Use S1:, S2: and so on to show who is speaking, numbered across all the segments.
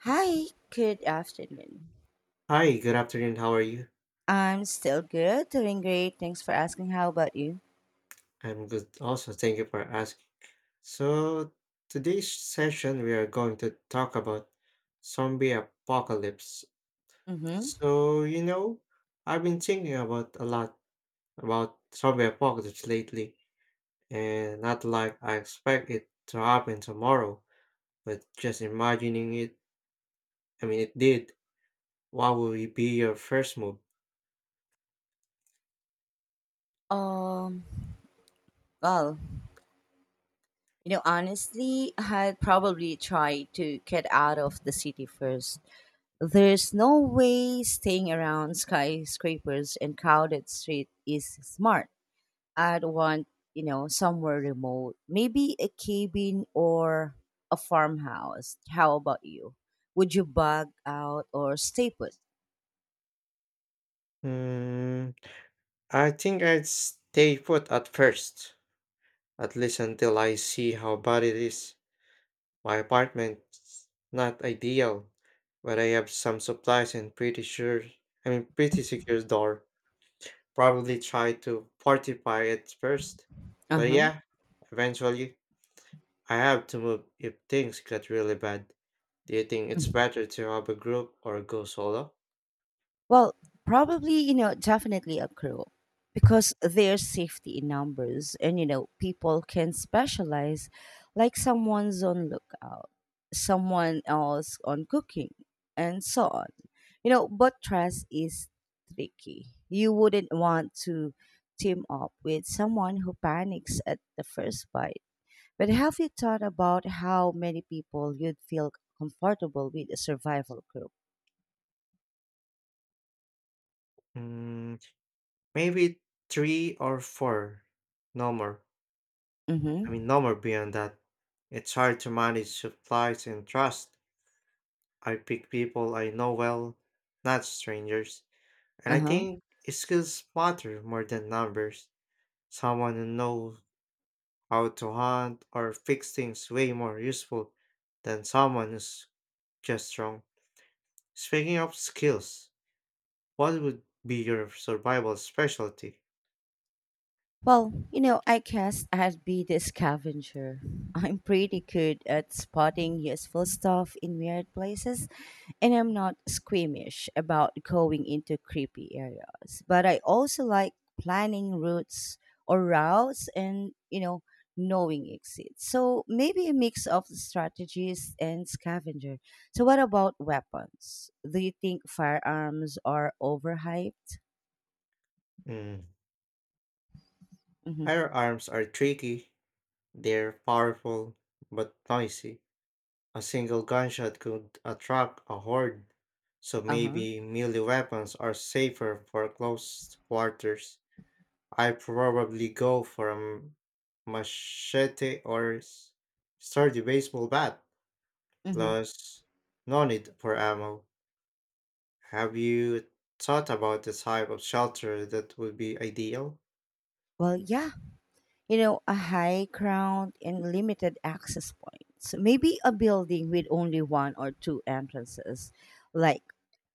S1: Hi, good afternoon.
S2: Hi, good afternoon. How are you?
S1: I'm still good, doing great. Thanks for asking. How about you?
S2: I'm good also. Thank you for asking. So, today's session we are going to talk about zombie apocalypse.
S1: Mm-hmm.
S2: So, you know, I've been thinking about a lot about zombie apocalypse lately, and not like I expect it to happen tomorrow, but just imagining it, I mean, it did. What would be your first move?
S1: Um, well, you know, honestly, I'd probably try to get out of the city first. There's no way staying around skyscrapers and crowded street is smart. I'd want, you know, somewhere remote, maybe a cabin or a farmhouse. How about you? Would you bug out or stay put?
S2: Hmm, I think I'd stay put at first, at least until I see how bad it is. My apartment's not ideal, but I have some supplies and pretty sure I mean pretty secure door. Probably try to fortify it first. But
S1: Uh-huh.
S2: yeah, eventually I have to move if things get really bad. Do you think it's better to have a group or go solo?
S1: Well, probably, you know, definitely a crew because there's safety in numbers and, you know, people can specialize like someone's on lookout, someone else on cooking, and so on. You know, but trust is tricky. You wouldn't want to team up with someone who panics at the first bite. But have you thought about how many people you'd feel comfortable with a survival group?
S2: Mm, Maybe three or four. No more.
S1: Mm-hmm.
S2: I mean, no more beyond that. It's hard to manage supplies and trust. I pick people I know well, not strangers. And
S1: Uh
S2: I
S1: huh.
S2: think skills matter more than numbers. Someone who knows how to hunt or fix things way more useful than someone who's just strong. Speaking of skills, what would be your survival specialty?
S1: Well, you know, I guess I'd be the scavenger. I'm pretty good at spotting useful stuff in weird places, and I'm not squeamish about going into creepy areas. But I also like planning routes and, you know, knowing exits. So maybe a mix of strategies and scavenger. So, what about weapons? Do you think firearms are overhyped?
S2: Mm.
S1: Mm-hmm.
S2: Firearms are tricky. They're powerful but noisy. A single gunshot could attract a horde, so
S1: Uh huh.
S2: maybe melee weapons are safer for close quarters. I probably go for a machete or sturdy baseball bat,
S1: Mm-hmm.
S2: plus no need for ammo. Have you thought about the type of shelter that would be ideal?
S1: Well, yeah, you know, a high crowd and limited access points. Maybe a building with only one or two entrances, like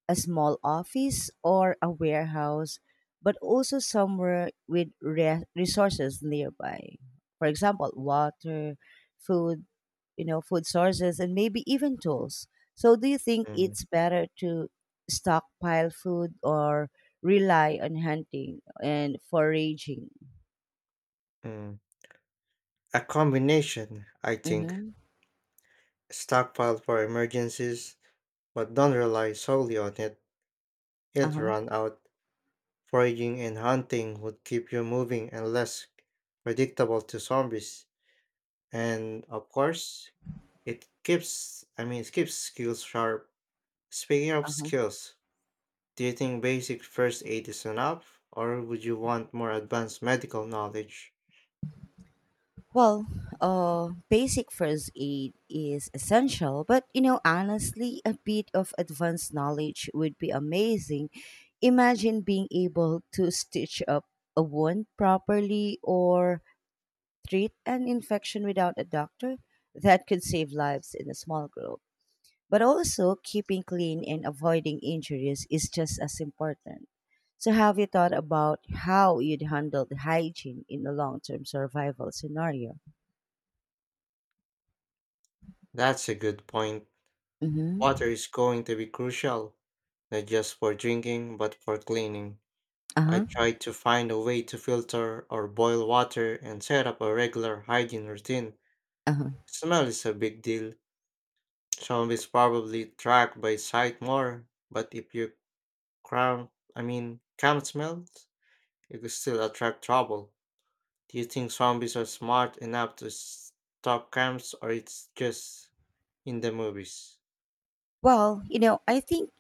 S1: a small office or a warehouse, but also somewhere with resources nearby. For example, water, food, you know, food sources, and maybe even tools. So, do you think
S2: Mm,
S1: it's better to stockpile food or rely on hunting and foraging?
S2: mm. A combination, I think.
S1: Mm-hmm.
S2: Stockpile for emergencies, but don't rely solely on it.
S1: Uh
S2: It'll
S1: huh.
S2: run out. Foraging and hunting would keep you moving and less predictable to zombies. And of course, it keeps skills sharp. Speaking of
S1: Uh-huh.
S2: skills, do you think basic first aid is enough or would you want more advanced medical knowledge?
S1: Well, basic first aid is essential, but you know, honestly, a bit of advanced knowledge would be amazing. Imagine being able to stitch up a wound properly or treat an infection without a doctor. That could save lives in a small group. But also, keeping clean and avoiding injuries is just as important. So, have you thought about how you'd handle the hygiene in a long term survival scenario?
S2: That's a good point.
S1: Mhm.
S2: Water is going to be crucial, not just for drinking but for cleaning. I
S1: Uh-huh.
S2: try to find a way to filter or boil water and set up a regular hygiene routine.
S1: Uh-huh.
S2: Smell is a big deal. Zombies probably track by sight more, but if you cram, I mean, camp smells, you could still attract trouble. Do you think zombies are smart enough to stop camps, or it's just in the movies?
S1: Well, you know, I think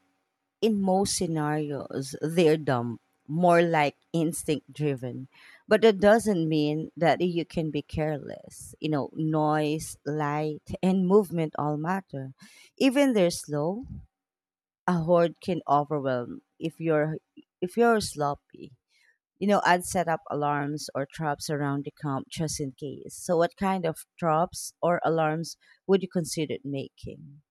S1: in most scenarios, they're dumb, more like instinct driven. But that doesn't mean that you can be careless. You know, noise, light, and movement all matter. Even they're slow, a horde can overwhelm if you're sloppy. You know, I'd set up alarms or traps around the camp just in case. So what kind of traps or alarms would you consider making?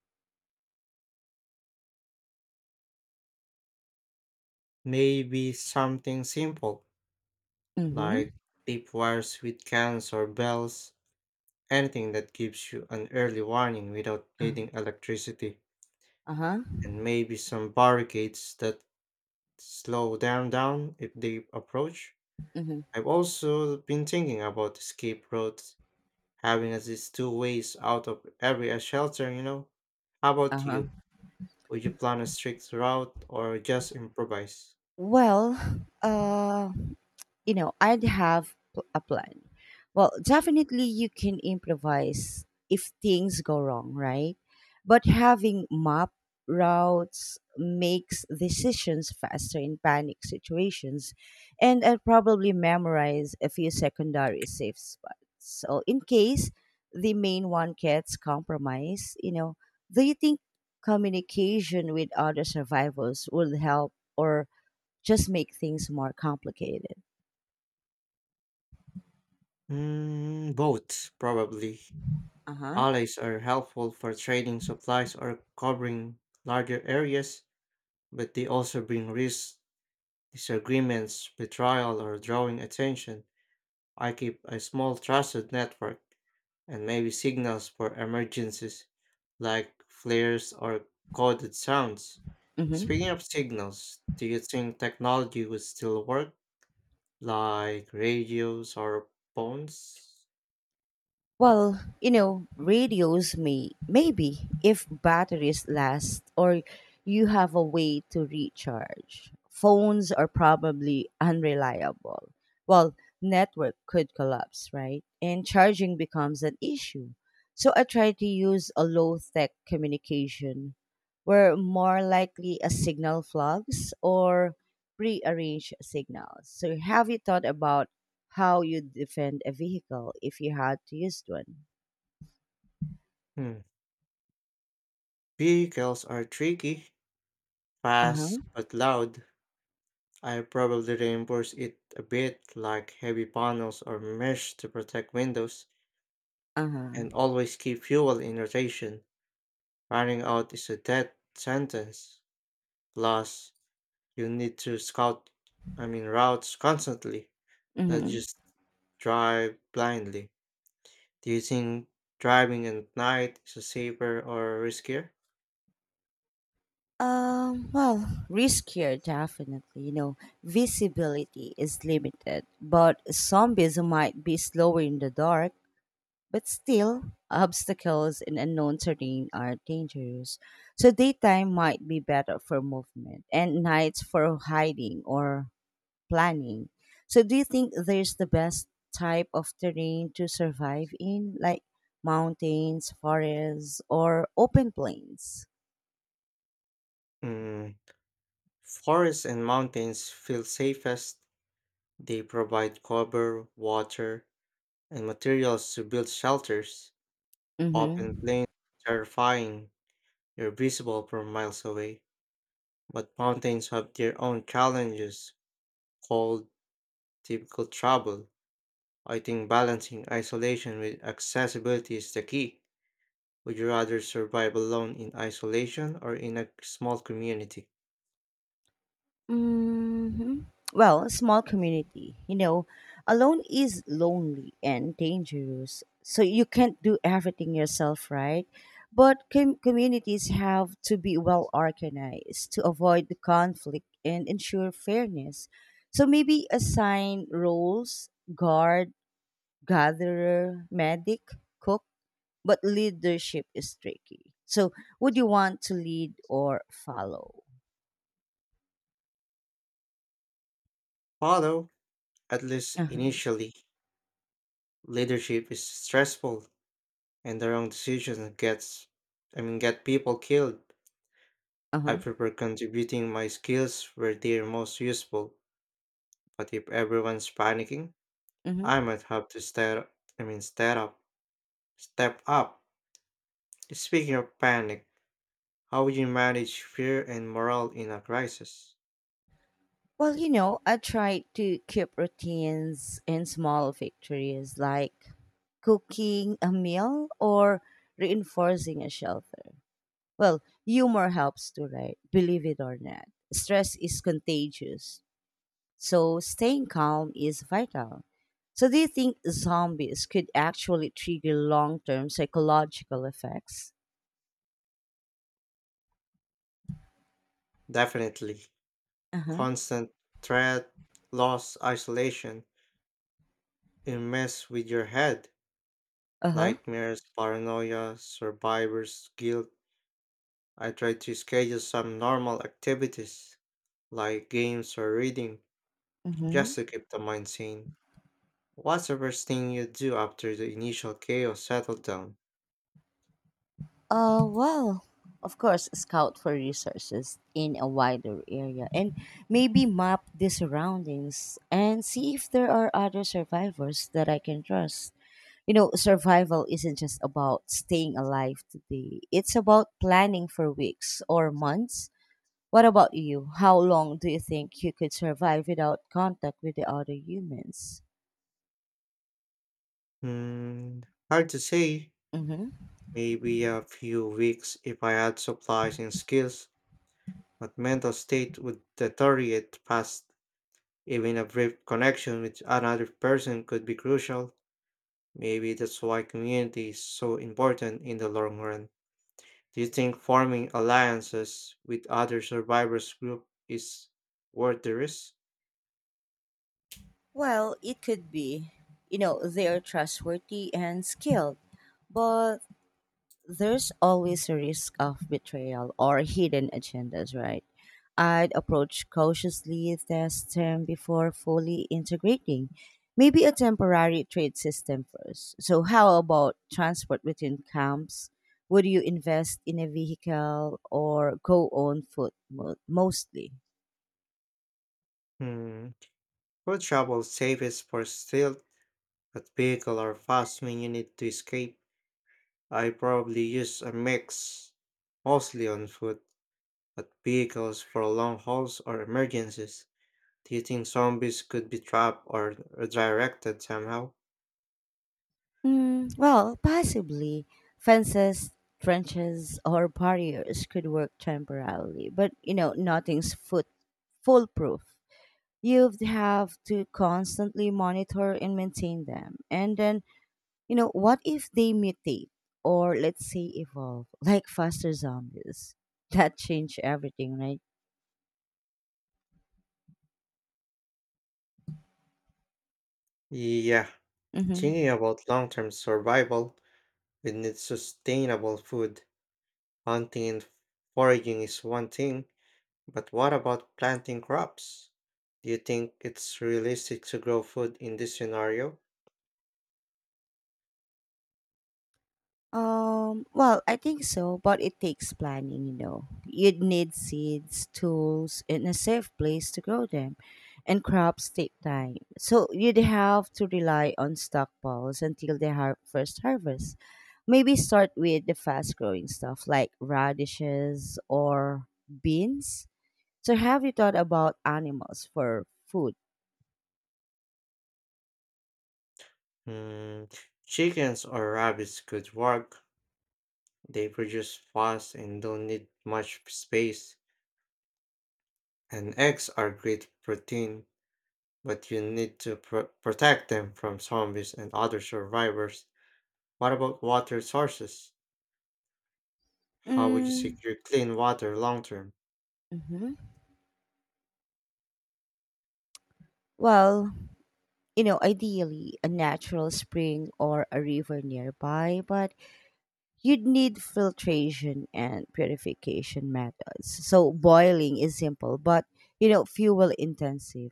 S2: Maybe something simple like
S1: Mhm.
S2: deep wires with cans or bells, anything that gives you an early warning without
S1: Uh-huh.
S2: needing electricity,
S1: Uh-huh.
S2: and maybe some barricades that slow them down if they approach.
S1: Mhm.
S2: I've also been thinking about escape routes, having at least two ways out of every shelter, you know. How about
S1: Uh-huh.
S2: you? Would you plan a strict route or just improvise?
S1: Well, uh you know, I'd have a plan. Well, definitely you can improvise if things go wrong, right? But having map routes makes decisions faster in panic situations. And I'd probably memorize a few secondary safe spots. So, in case the main one gets compromised, you know, do you think communication with other survivors would help or just make things more complicated?
S2: Both, probably.
S1: Uh huh.
S2: Alleys are helpful for trading supplies or covering larger areas, but they also bring risks, disagreements, betrayal, or drawing attention. I keep a small trusted network and maybe signals for emergencies like flares or coded sounds.
S1: Hmm.
S2: Speaking of signals, do you think technology would still work like radios or phones?
S1: Well, you know, radios maybe if batteries last or you have a way to recharge. Phones are probably unreliable. Well, network could collapse, right? And charging becomes an issue. So I try to use a low tech communication where more likely a signal flags or prearranged signals. So have you thought about how you defend a vehicle if you had to use one?
S2: Hmm. Vehicles are tricky,
S1: Uh huh.
S2: fast but loud. I probably reinforce it a bit like heavy panels or mesh to protect windows
S1: Uh huh.
S2: and always keep fuel in rotation. Running out is a death sentence. Plus, you need to scout, I mean, routes constantly, not
S1: Mm-hmm.
S2: just drive blindly. Do you think driving at night is safer or riskier?
S1: Well, riskier, definitely. You know, visibility is limited, but zombies might be slower in the dark, but still, obstacles in unknown terrain are dangerous. So, daytime might be better for movement, and nights for hiding or planning. So do you think there's the best type of terrain to survive in, like mountains, forests, or open plains?
S2: Mm, Forests and mountains feel safest. They provide cover, water, and materials to build shelters. Open
S1: Mm-hmm.
S2: plains are terrifying. You're visible from miles away. But mountains have their own challenges, cold, typical trouble. I think balancing isolation with accessibility is the key. Would you rather survive alone in isolation or in a small community?
S1: Hmm. Well, a small community, you know, alone is lonely and dangerous. So you can't do everything yourself, right? But communities have to be well organized to avoid the conflict and ensure fairness. So maybe assign roles guard, gatherer, medic, cook, but leadership is tricky. So would you want to lead or follow?
S2: Although, at least
S1: Uh huh.
S2: initially, leadership is stressful and the wrong decision gets I mean get people killed. I
S1: Uh
S2: prefer contributing my skills where they're most useful. But if everyone's panicking, I
S1: huh.
S2: might have to step I mean step up step up. Speaking of panic, how you manage fear and morale in a crisis?
S1: Well, you know, I try to keep routines and small victories like cooking a meal or reinforcing a shelter. Well, humor helps too, right? Believe it or not. Stress is contagious, so staying calm is vital. So, do you think zombies could actually trigger long term psychological effects?
S2: Definitely.
S1: Uh huh.
S2: Constant threat, loss, isolation. It mess with your head.
S1: Uh huh.
S2: Nightmares, paranoia, survivor's guilt. I try to schedule some normal activities like games or reading
S1: Mm hmm.
S2: just to keep the mind sane. What's the first thing you do after the initial chaos settled down?
S1: Well, of course, scout for resources in a wider area and maybe map the surroundings and see if there are other survivors that I can trust. You know, survival isn't just about staying alive today, it's about planning for weeks or months. What about you? How long do you think you could survive without contact with the other humans?
S2: Hmm, Hard to say.
S1: Mm-hmm.
S2: Maybe a few weeks if I add supplies and skills, but mental state would deteriorate fast. Even a brief connection with another person could be crucial. Maybe that's why community is so important in the long run. Do you think forming alliances with other survivors group is worth the risk?
S1: Well, it could be. You know, they're trustworthy and skilled. But there's always a risk of betrayal or hidden agendas, right? I'd approach cautiously, test them before fully integrating. Maybe a temporary trade system first. So, how about transport between camps? Would you invest in a vehicle or go on foot mostly?
S2: Hmm. Food travel safest for stealth, but vehicle are fast when you need to escape. I probably use a mix, mostly on foot, but vehicles for long hauls or emergencies. Do you think zombies could be trapped or redirected somehow?
S1: Mm, well, possibly. Fences, trenches, or barriers could work temporarily, but you know, nothing's foot foolproof. You'd have to constantly monitor and maintain them. And then, you know, what if they mutate or let's say evolve like faster zombies? That change everything, right?
S2: Yeah,
S1: Mm-hmm.
S2: thinking about long term survival, we need sustainable food. Hunting and foraging is one thing, but what about planting crops? Do you think it's realistic to grow food in this scenario?
S1: Well, I think so, but it takes planning, you know. You'd need seeds, tools, and a safe place to grow them. And crops take time. So you'd have to rely on stockpiles until the first harvest. Maybe start with the fast growing stuff like radishes or beans. So have you thought about animals for food?
S2: Hmm, Chickens or rabbits could work. They produce fast and don't need much space, and eggs are great protein. But you need to protect them from zombies and other survivors. What about water sources? How would you
S1: Mm,
S2: secure clean water long term?
S1: hmm. Well, you know, ideally a natural spring or a river nearby, but you'd need filtration and purification methods. So boiling is simple, but you know, fuel intensive.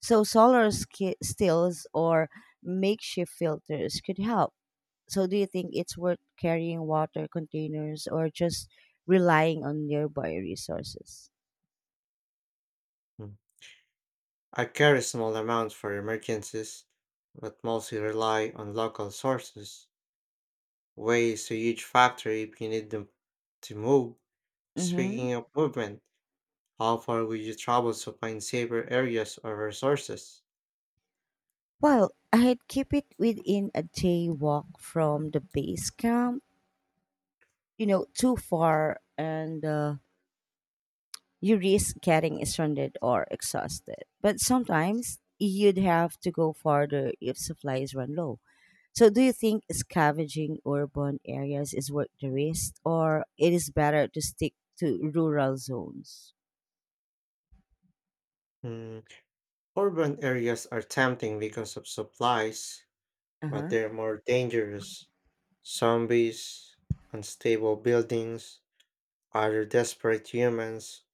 S1: So stills or makeshift filters could help. So do you think it's worth carrying water containers or just relying on nearby resources?
S2: Mm. I carry small amounts for emergencies, but mostly rely on local sources. Waste a huge factor if you need them to move.
S1: Mm-hmm.
S2: Speaking of movement, how far would you travel to find safer areas or resources?
S1: Well, I'd keep it within a day walk from the base camp. You know, too far and you risk getting stranded or exhausted, but sometimes you'd have to go farther if supplies run low. So do you think scavenging urban areas is worth the risk or it is better to stick to rural zones?
S2: Mm, Urban areas are tempting because of supplies, but
S1: Uh-huh.
S2: they're more dangerous. Zombies, unstable buildings, other desperate humans.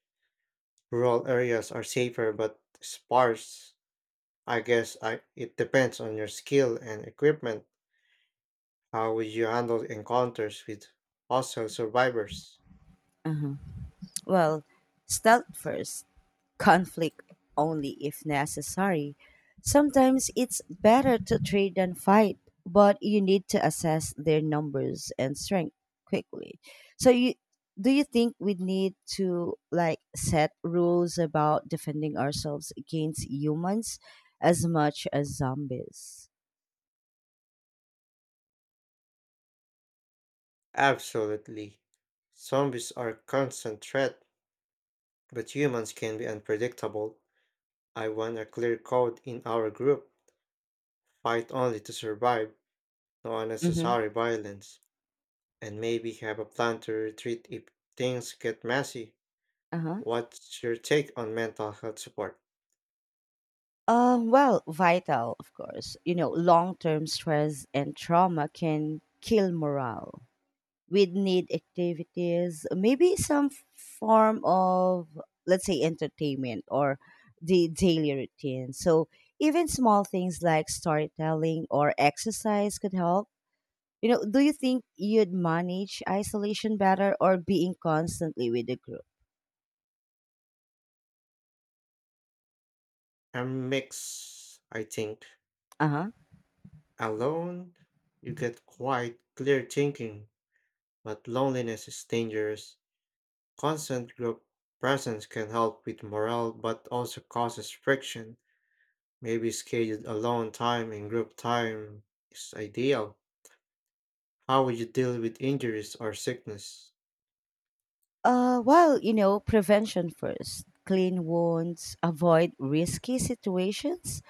S2: Rural areas are safer but sparse. It depends on your skill and equipment. How would you handle encounters with hostile survivors?
S1: Uh-huh. Well, stealth first, conflict only if necessary. Sometimes it's better to trade than fight, but you need to assess their numbers and strength quickly. So you do you think we need to like set rules about defending ourselves against humans as much as zombies?
S2: Absolutely. Zombies are a constant threat, but humans can be unpredictable. I want a clear code in our group. Fight only to survive, no
S1: Mm-hmm.
S2: unnecessary violence, and maybe have a plan to retreat if things get messy.
S1: Uh-huh.
S2: What's your take on mental health support?
S1: Well, vital, of course. You know, long term stress and trauma can kill morale. We'd need activities, maybe some form of, let's say, entertainment or the daily routine. So even small things like storytelling or exercise could help. You know, do you think you'd manage isolation better or being constantly with the group?
S2: A mix, I think.
S1: Uh huh.
S2: Alone, you get quite clear thinking, but loneliness is dangerous. Constant group presence can help with morale, but also causes friction. Maybe scheduled alone time and group time is ideal. How would you deal with injuries or sickness?
S1: Well, you know, prevention first. Clean wounds, avoid risky situations.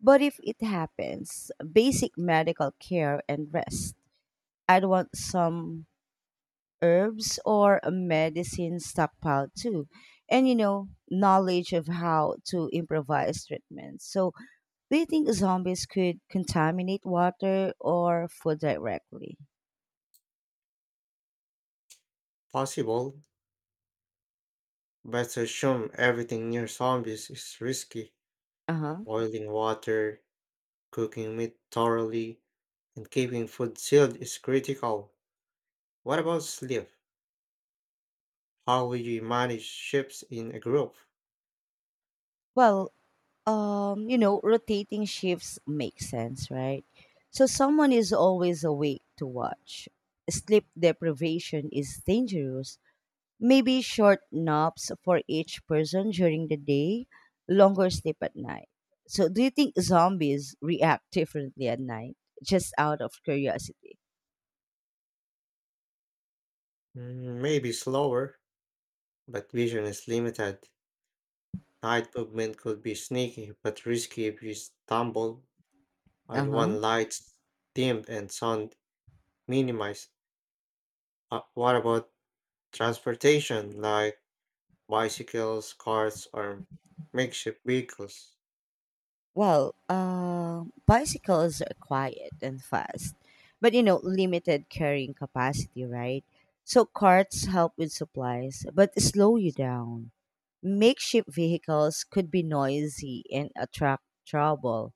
S1: But if it happens, basic medical care and rest. I'd want some herbs or a medicine stockpile too. And you know, knowledge of how to improvise treatments. So, do you think zombies could contaminate water or food directly?
S2: Possible, but to assume everything near zombies is risky.
S1: Uh huh.
S2: Boiling water, cooking meat thoroughly, and keeping food sealed is critical. What about sleep? How will you manage shifts in a group?
S1: Well, you know, rotating shifts make sense, right? So someone is always awake to watch. Sleep deprivation is dangerous. Maybe short naps for each person during the day, longer sleep at night. So, do you think zombies react differently at night? Just out of curiosity.
S2: Maybe slower, but vision is limited. Night movement could be sneaky but risky if you stumble.
S1: Uh
S2: I'd want
S1: huh.
S2: lights dimmed and sound minimized. What about transportation? Like bicycles, carts, or makeshift vehicles.
S1: Well, bicycles are quiet and fast, but you know, limited carrying capacity, right? So, carts help with supplies, but slow you down. Makeshift vehicles could be noisy and attract trouble.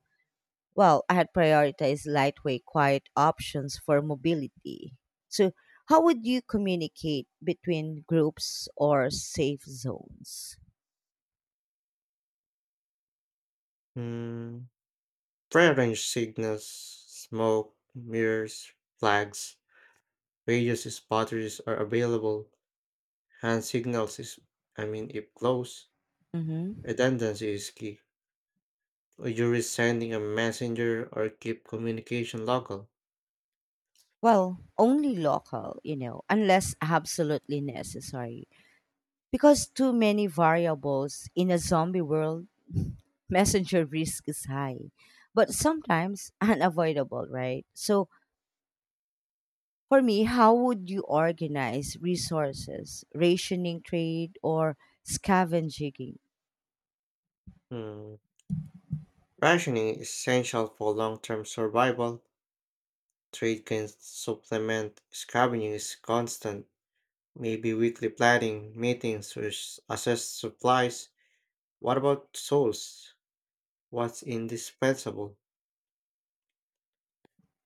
S1: Well, I had prioritized lightweight, quiet options for mobility. So, how would you communicate between groups or safe zones?
S2: Mm, Prearranged signals, smoke, mirrors, flags, radios, batteries are available. Hand signals is, I mean, if close,
S1: Mm-hmm.
S2: redundancy is key. Would you risk sending a messenger or keep communication local?
S1: Well, only local, you know, unless absolutely necessary. Because too many variables in a zombie world, messenger risk is high, but sometimes unavoidable, right? So for me, how would you organize resources, rationing trade, or scavenging?
S2: Hmm. Rationing is essential for long-term survival. Trade can supplement, scavenging is constant. Maybe weekly planning, meetings to assess supplies. What about souls? What's indispensable?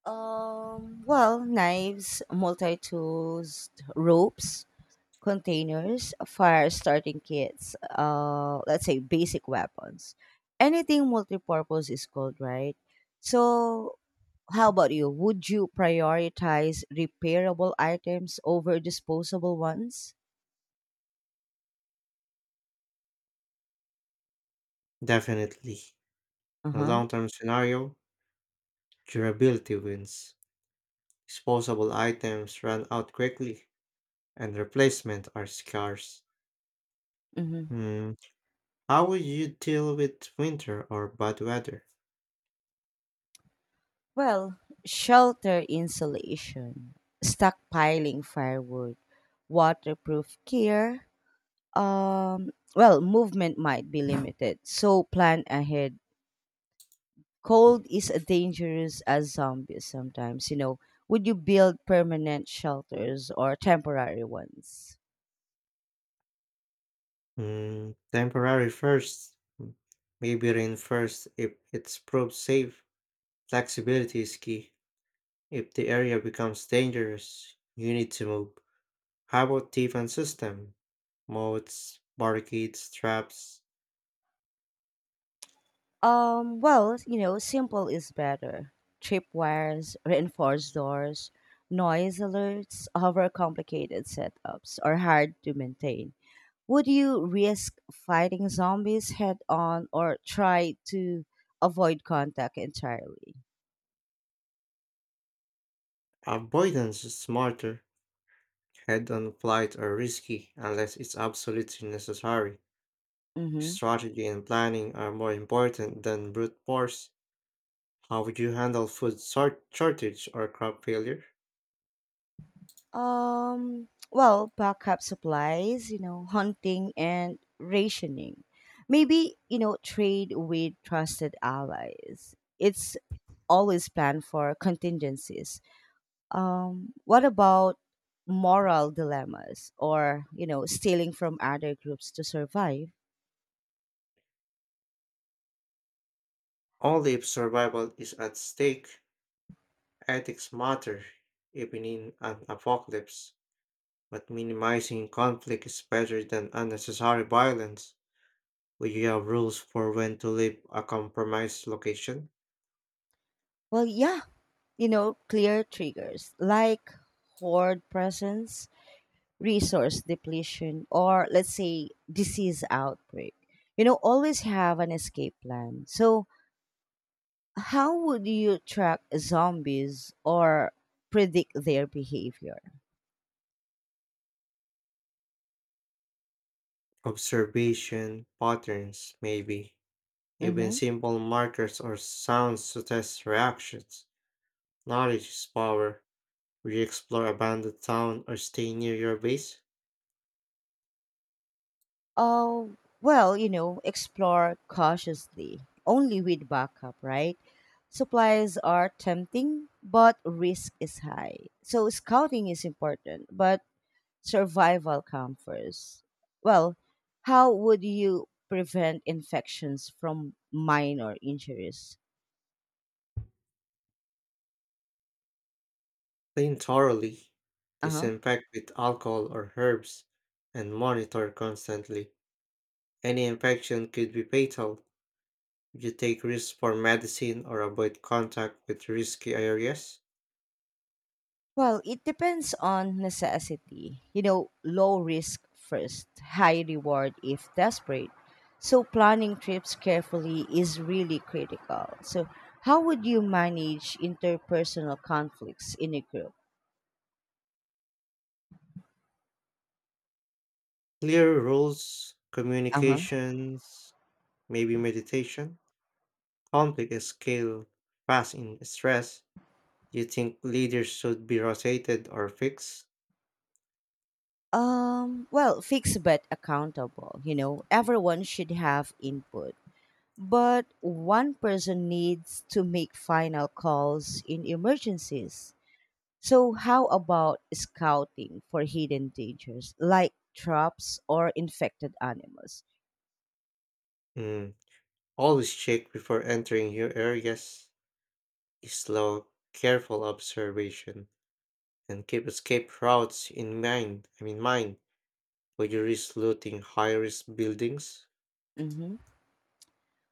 S1: Well, knives, multi tools, ropes, containers, fire starting kits, let's say basic weapons. Anything multi purpose is called, right? So, how about you? Would you prioritize repairable items over disposable ones?
S2: Definitely.
S1: Uh
S2: In a
S1: huh.
S2: long term scenario, durability wins. Disposable items run out quickly, and replacement are scarce.
S1: Mm-hmm.
S2: Hmm. How would you deal with winter or bad weather?
S1: Well, shelter insulation, stockpiling firewood, waterproof gear. Well, movement might be limited, so plan ahead. Cold is as dangerous as zombies sometimes, you know. Would you build permanent shelters or temporary ones?
S2: Hmm. Temporary first. Maybe rain first if it's proved safe. Flexibility is key. If the area becomes dangerous, you need to move. How about defense system? Moats, barricades, traps.
S1: Well, you know, simple is better. Tripwires, reinforced doors, noise alerts, overcomplicated setups are hard to maintain. Would you risk fighting zombies head on or try to avoid contact entirely?
S2: Avoidance is smarter. Head on flight are risky unless it's absolutely necessary.
S1: Mm-hmm.
S2: Strategy and planning are more important than brute force. How would you handle food shortage or crop failure?
S1: Well, backup supplies, you know, hunting and rationing. Maybe, you know, trade with trusted allies. It's always planned for contingencies. What about moral dilemmas or, you know, stealing from other groups to survive?
S2: Only if survival is at stake. Ethics matter, even in an apocalypse. But minimizing conflict is better than unnecessary violence. Would you have rules for when to leave a compromised location?
S1: Well, yeah, you know, clear triggers like horde presence, resource depletion, or let's say disease outbreak. You know, always have an escape plan. So, how would you track zombies or predict their behavior?
S2: Observation patterns, maybe. Even
S1: Mm-hmm.
S2: simple markers or sounds to test reactions. Knowledge is power. Will you explore abandoned town or stay near your base?
S1: Oh, well, you know, explore cautiously, only with backup, right? Supplies are tempting, but risk is high. So scouting is important, but survival comes first. Well, how would you prevent infections from minor injuries?
S2: Clean thoroughly.
S1: Uh huh.
S2: Disinfect with alcohol or herbs and monitor constantly. Any infection could be fatal. You take risks for medicine or avoid contact with risky areas.
S1: Well, it depends on necessity. You know, low risk first, high reward if desperate. So, planning trips carefully is really critical. So, how would you manage interpersonal conflicts in a group?
S2: Clear rules,
S1: Uh huh.
S2: communications, maybe meditation. Conflict is scale fast in stress. Do you think leaders should be rotated or fixed?
S1: Well, fixed but accountable. You know, everyone should have input, but one person needs to make final calls in emergencies. So, how about scouting for hidden dangers like traps or infected animals?
S2: Mm. Always check before entering new areas. Slow, careful observation and keep escape routes in mind. I mean mind. Would you risk looting high risk buildings?
S1: Mhm.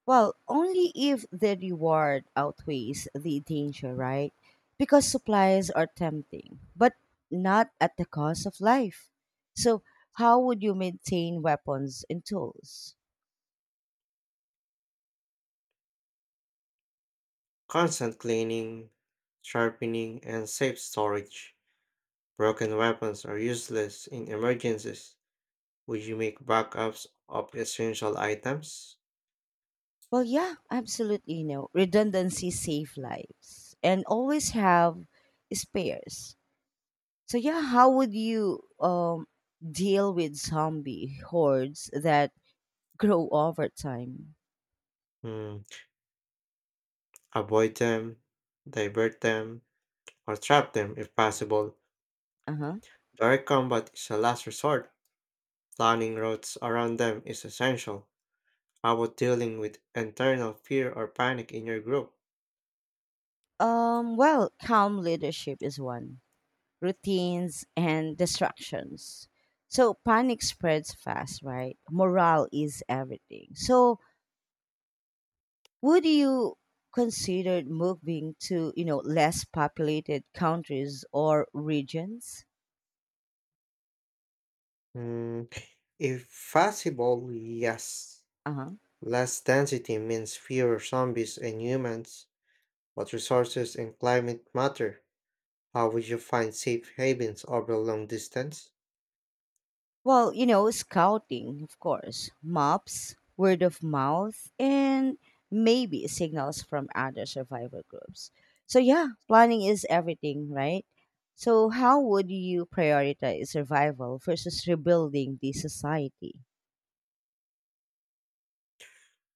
S1: Well, only if the reward outweighs the danger, right? Because supplies are tempting, but not at the cost of life. So, how would you maintain weapons and tools?
S2: Constant cleaning, sharpening, and safe storage. Broken weapons are useless in emergencies. Would you make backups of essential items?
S1: Well, yeah, absolutely. You know, redundancy save lives, and always have spares. So, yeah, how would you deal with zombie hordes that grow over time?
S2: Hmm, Avoid them, divert them, or trap them if possible.
S1: Uh huh.
S2: Direct combat is a last resort. Planning routes around them is essential. How about dealing with internal fear or panic in your group?
S1: Well, calm leadership is one, routines, and distractions. So panic spreads fast, right? Morale is everything. So would you consider moving to, you know, less populated countries or regions?
S2: Hmm, If possible, yes.
S1: Uh-huh.
S2: Less density means fewer zombies and humans, but resources and climate matter. How would you find safe havens over long distance?
S1: Well, you know, scouting, of course, maps, word of mouth, and maybe signals from other survivor groups. So, yeah, planning is everything, right? So, how would you prioritize survival versus rebuilding the society?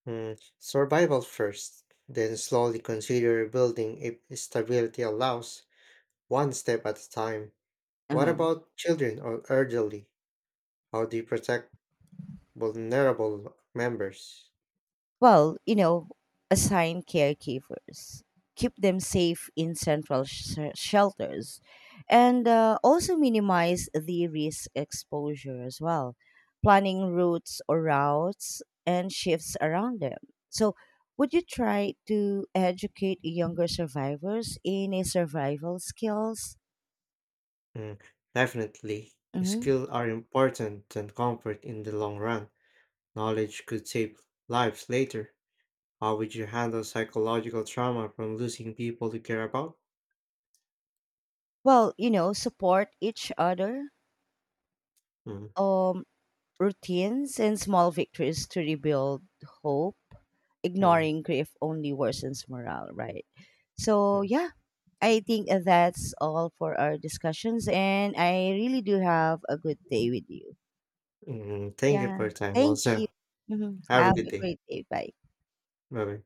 S2: Hmm, Survival first, then slowly consider rebuilding if stability allows, one step at a time. What
S1: Uh-huh.
S2: about children or elderly? How do you protect vulnerable members?
S1: Well, you know, assign caregivers, keep them safe in central shelters, and also minimize the risk exposure as well, planning routes and shifts around them. So, would you try to educate younger survivors in a survival skills?
S2: Hmm, Definitely,
S1: Hmm.
S2: skills are important than comfort in the long run. Knowledge could save lives later. How would you handle psychological trauma from losing people you care about?
S1: Well, you know, support each other.
S2: Mm,
S1: Um. Routines and small victories to rebuild hope.
S2: mm,
S1: Ignoring grief only worsens morale, right? So,
S2: yes.
S1: yeah, I think that's all for our discussions. And I really do have a good day with you.
S2: Mm, thank you
S1: Yeah.
S2: for your time.
S1: Thank you.
S2: Also,
S1: Mhm.
S2: have a
S1: Have
S2: good
S1: a
S2: day.
S1: great day. Bye.
S2: Bye bye.